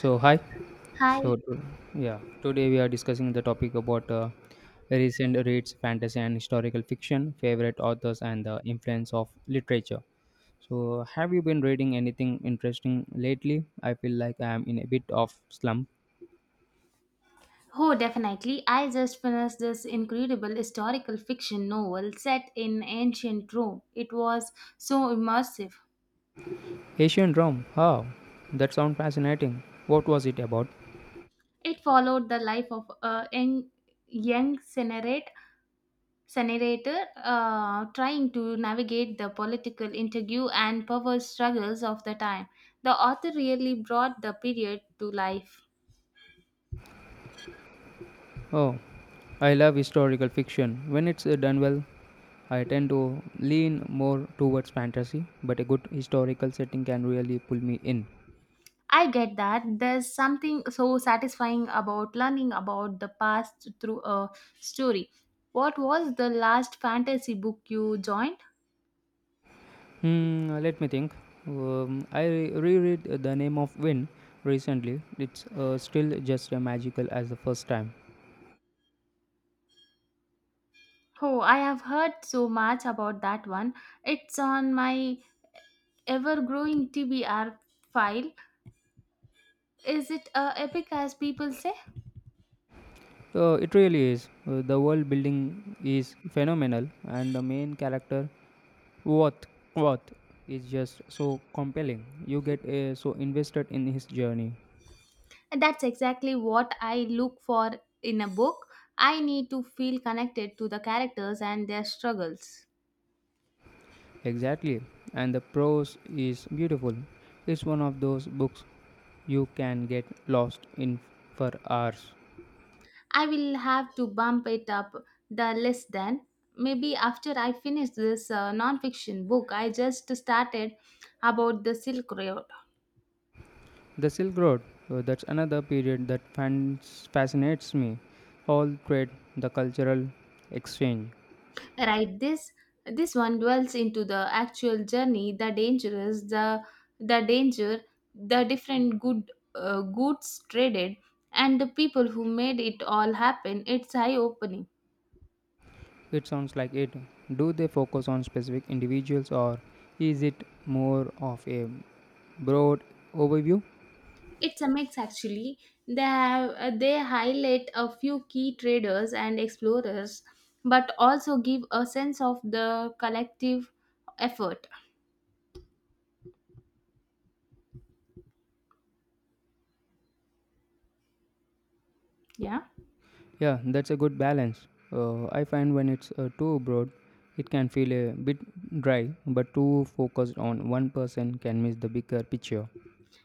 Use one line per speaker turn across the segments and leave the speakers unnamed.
So hi. So
Hi.
to- yeah, Today we are discussing the topic about recent reads, fantasy and historical fiction, favorite authors, and the influence of literature. So have you been reading anything interesting lately? I feel like I am in a bit of slump.
Oh, definitely. I just finished this incredible historical fiction novel set in ancient Rome. It was so immersive.
Asian Rome. Huh, that sounds fascinating. What was it about?
It followed the life of a young senator, trying to navigate the political intrigue and power struggles of the time. The author really brought the period to life.
Oh, I love historical fiction when it's done well. I tend to lean more towards fantasy, but a good historical setting can really pull me in.
I get that. There's something so satisfying about learning about the past through a story. What was the last fantasy book you joined?
Hmm, let me think. I reread The Name of Wind recently. It's still just as magical as the first time.
Oh, I have heard so much about that one. It's on my ever growing TBR file. Is it epic as people say?
It really is. The world building is phenomenal, and the main character, Wath, Wath, is just so compelling. You get so invested in his journey.
That's exactly what I look for in a book. I need to feel connected to the characters and their struggles.
Exactly. And the prose is beautiful. It's one of those books you can get lost in for hours.
I will have to bump it up the list then. Maybe after I finish this non-fiction book I just started about the Silk Road.
The Silk Road, that's another period that fans fascinates me. All trade, the cultural exchange.
Right, this one dwells into the actual journey, the dangerous, the danger, the different goods traded, and the people who made it all happen. It's eye-opening.
It sounds like it. Do they focus on specific individuals or is it more of a broad overview?
It's a mix actually. They have, they highlight a few key traders and explorers, but also give a sense of the collective effort. Yeah,
Yeah, that's a good balance. I find when it's too broad, it can feel a bit dry, but too focused on one person can miss the bigger picture.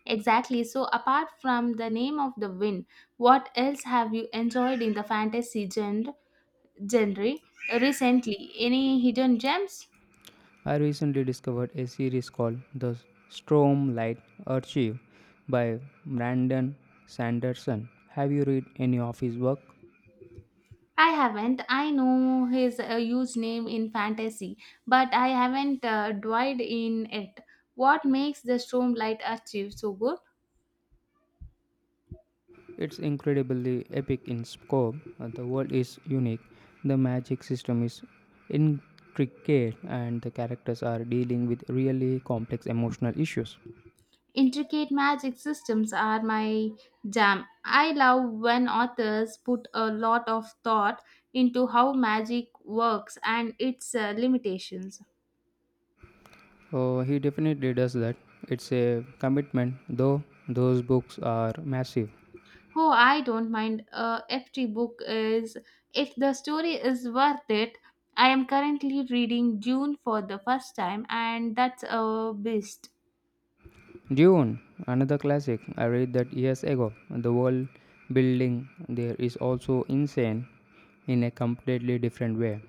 exactly. So apart from the name of the win, what else have you enjoyed in the fantasy genre recently? Any hidden gems?
I recently discovered a series called The Storm Light Archive by Brandon Sanderson. Have you read any of his work?
I haven't. I know his a huge name in fantasy, but I haven't dived in it. What makes the Stormlight Archive so good?
It's incredibly epic in scope. The world is unique, the magic system is intricate, and the characters are dealing with really complex emotional issues.
Intricate magic systems are my jam. I love when authors put a lot of thought into how magic works and its limitations.
He definitely does that. It's a commitment, though those books are massive.
Oh, I don't mind. A FT book is if the story is worth it. I am currently reading Dune for the first time, and that's a beast.
Dune, another classic. I read that years ago. The world building there is also insane in a completely different way.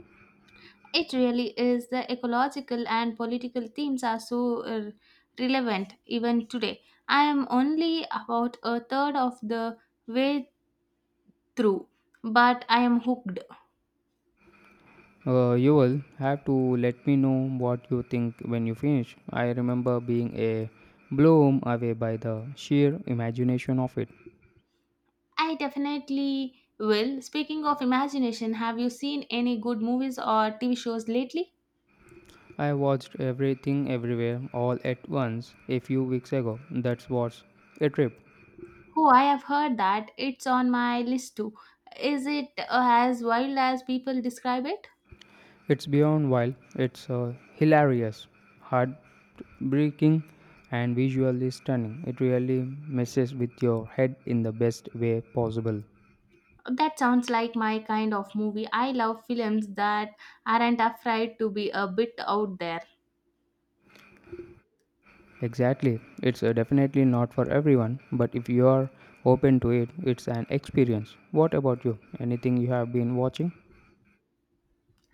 It really is. The ecological and political themes are so relevant even today. I am only about a third of the way through, but I am hooked.
You will have to let me know what you think when you finish. I remember being a blown away by the sheer imagination of it.
I definitely will. Speaking of imagination, have you seen any good movies or TV shows lately?
I watched everything everywhere all at once a few weeks ago. That was a trip.
Oh, I have heard that. It's on my list too. Is it as wild as people describe it?
It's beyond wild, it's hilarious, heartbreaking, and visually stunning. It really messes with your head in the best way possible.
That sounds like my kind of movie. I love films that aren't afraid to be a bit out there.
Exactly, it's definitely not for everyone, but if you are open to it, it's an experience. What about you? Anything you have been watching?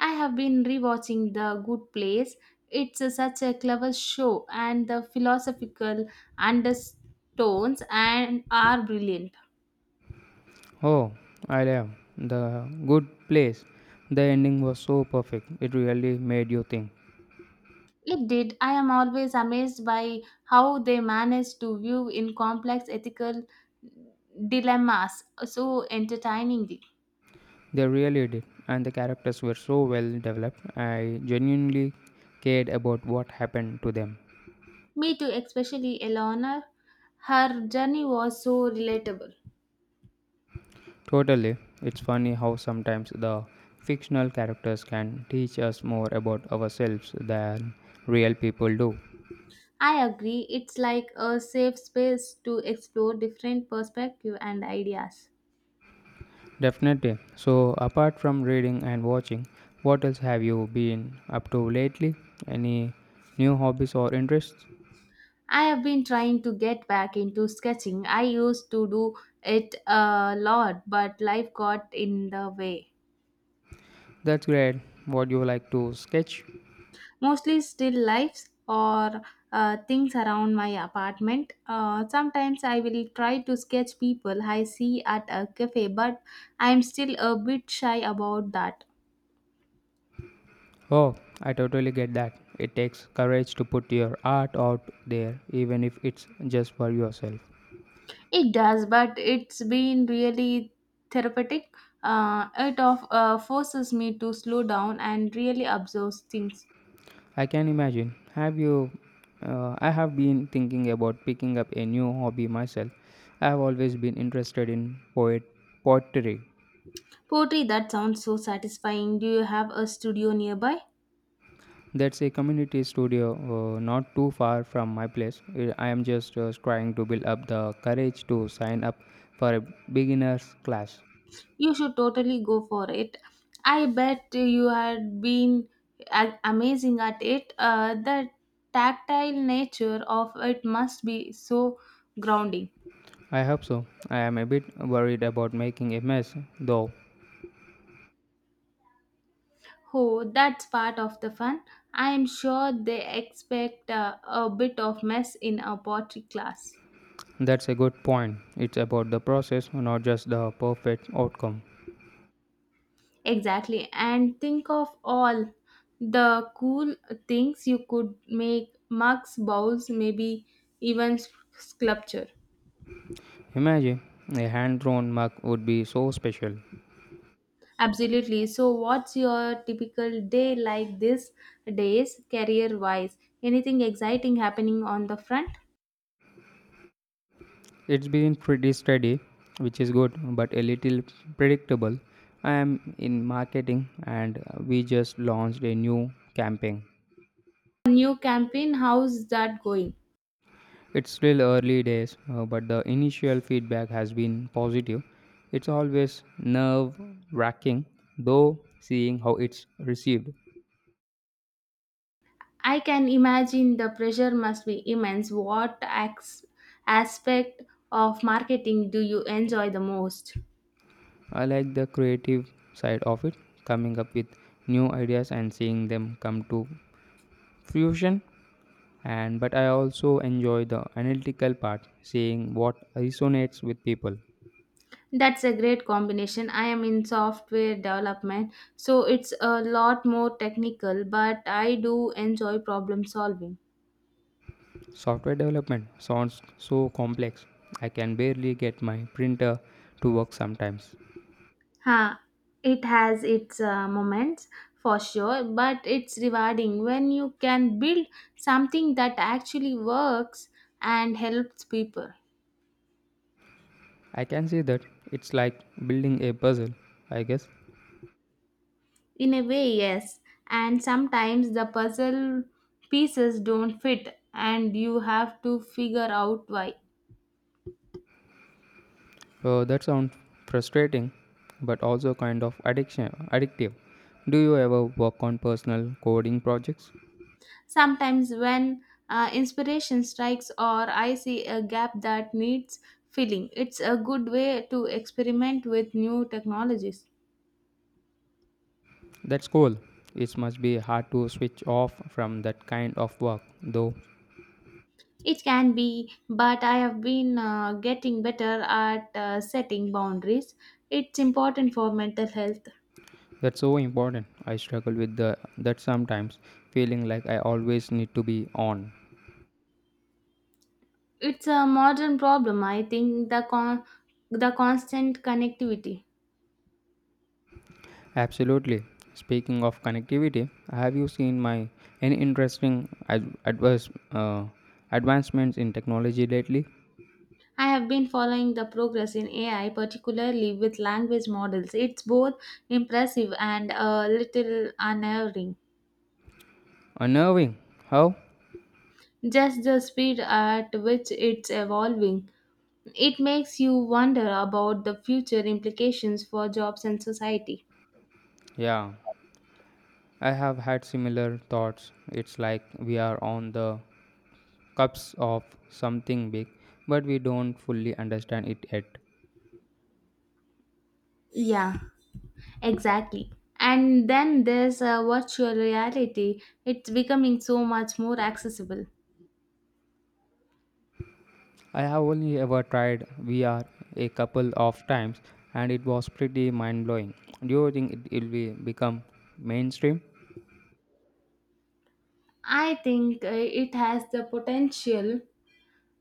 I have been rewatching The Good Place. It's such a clever show, and the philosophical undertones and are brilliant.
Oh, I love The Good Place. The ending was so perfect, it really made you think.
It did. I am always amazed by how they manage to view in complex ethical dilemmas so entertainingly.
They really did, and the characters were so well developed. I genuinely cared about what happened to them.
Me too, especially Eleanor. Her journey was so relatable.
Totally, it's funny how sometimes the fictional characters can teach us more about ourselves than real people do.
I agree. It's like a safe space to explore different perspectives and ideas.
Definitely. So, apart from reading and watching, what else have you been up to lately? Any new hobbies or interests?
I have been trying to get back into sketching. I used to do it a lot, but life got in the way.
That's great. What do you like to sketch?
Mostly still lifes or things around my apartment. Sometimes I will try to sketch people I see at a cafe, but I am still a bit shy about that.
Oh, I totally get that. It takes courage to put your art out there, even if it's just for yourself.
It does, but it's been really therapeutic. It forces me to slow down and really observe things.
I can imagine. Have you? I have been thinking about picking up a new hobby myself. I have always been interested in poet pottery.
Poetry, that sounds so satisfying. Do you have a studio nearby?
That's a community studio not too far from my place. I am just trying to build up the courage to sign up for a beginner's class.
You should totally go for it. I bet you had been amazing at it. The tactile nature of it must be so grounding.
I hope so. I am a bit worried about making a mess, though.
Oh, that's part of the fun. I am sure they expect a bit of mess in a pottery class.
That's a good point. It's about the process, not just the perfect outcome.
Exactly. And think of all the cool things you could make mugs, bowls, maybe even sculpture.
Imagine a hand drawn mug would be so special.
Absolutely. So, what's your typical day like these days, career wise? Anything exciting happening on the front?
It's been pretty steady, which is good, but a little predictable. I am in marketing and we just launched a new campaign.
New campaign, how's that going?
It's still early days, but the initial feedback has been positive. It's always nerve wracking, though, seeing how it's received.
I can imagine the pressure must be immense. What aspect of marketing do you enjoy the most?
I like the creative side of it, coming up with new ideas and seeing them come to fruition. And but I also enjoy the analytical part, seeing what resonates with people.
That's a great combination. I am in software development, so it's a lot more technical, but I do enjoy problem solving.
Software development sounds so complex. I can barely get my printer to work sometimes.
Huh. It has its moments for sure, but it's rewarding when you can build something that actually works and helps people.
I can see that it's like building a puzzle, I guess.
In a way, yes. And sometimes the puzzle pieces don't fit and you have to figure out why.
That sounds frustrating, but also kind of addiction addictive. Do you ever work on personal coding projects?
Sometimes when inspiration strikes or I see a gap that needs filling, it's a good way to experiment with new technologies.
That's cool. It must be hard to switch off from that kind of work, though.
It can be, but I have been getting better at setting boundaries. It's important for mental health.
That's so important. I struggle with the that sometimes, feeling like I always need to be on.
It's a modern problem, I think, the constant connectivity.
Absolutely. Speaking of connectivity, have you seen my any interesting ad- adverse advancements in technology lately?
I have been following the progress in AI, particularly with language models. It's both impressive and a little unnerving.
Unnerving. How?
Just the speed at which it's evolving. It makes you wonder about the future implications for jobs and society.
Yeah, I have had similar thoughts. It's like we are on the cusp of something big, but we don't fully understand it yet.
Yeah, exactly. And then there's virtual reality. It's becoming so much more accessible.
I have only ever tried VR a couple of times and it was pretty mind blowing. Do you think it will be become mainstream?
I think it has the potential,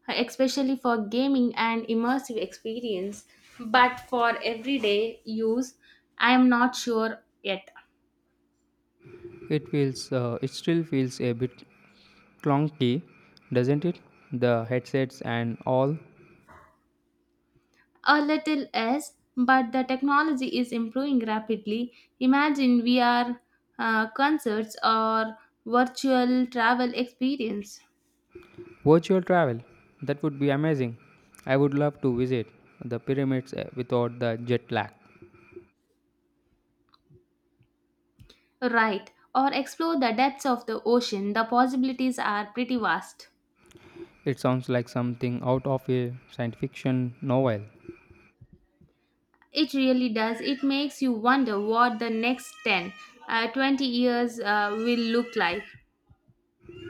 especially for gaming and immersive experience, but for everyday use, I am not sure yet.
It feels it still feels a bit clunky, doesn't it? The headsets and all
A little less, but the technology is improving rapidly. Imagine VR concerts or virtual travel experience.
virtual travel. That would be amazing. I would love to visit the pyramids without the jet lag.
Right, or explore the depths of the ocean. The possibilities are pretty vast.
It sounds like something out of a science fiction novel.
It really does. It makes you wonder what the next 20 years will look like.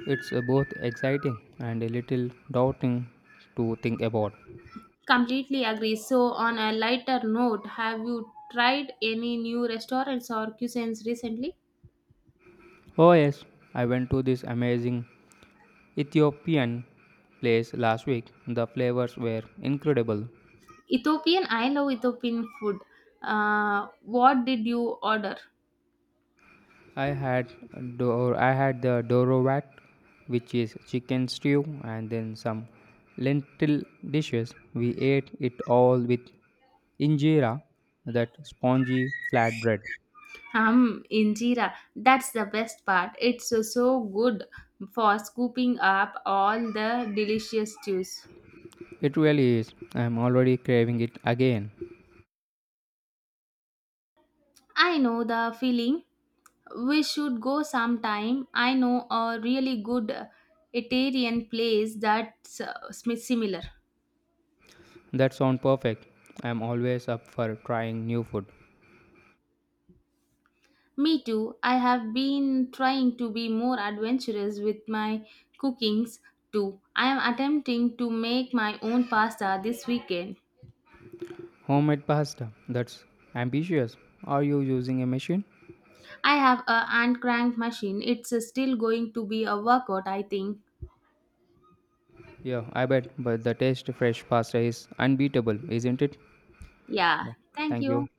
It's both exciting and a little daunting to think about.
Completely agree. So, on a lighter note, have you tried any new restaurants or cuisines recently?
Oh, yes, I went to this amazing Ethiopian place last week. The flavors were incredible.
Ethiopian, I love Ethiopian food. What did you order?
I had I had the dorovat, which is chicken stew, and then some lentil dishes. We ate it all with injera, that spongy flatbread.
Injera, that's the best part. It's so good for scooping up all the delicious juice.
It really is. I'm already craving it again.
I know the feeling. We should go sometime. I know a really good Italian place that's similar.
That sounds perfect. I'm always up for trying new food.
Me too. I have been trying to be more adventurous with my cookings too. I am attempting to make my own pasta this weekend.
Homemade pasta. That's ambitious. Are you using a machine?
I have a hand crank machine. It's still going to be a workout, I think.
Yeah, I bet. But the taste fresh pasta is unbeatable, isn't it? Yeah.
Yeah. Thank
Thank you.
you.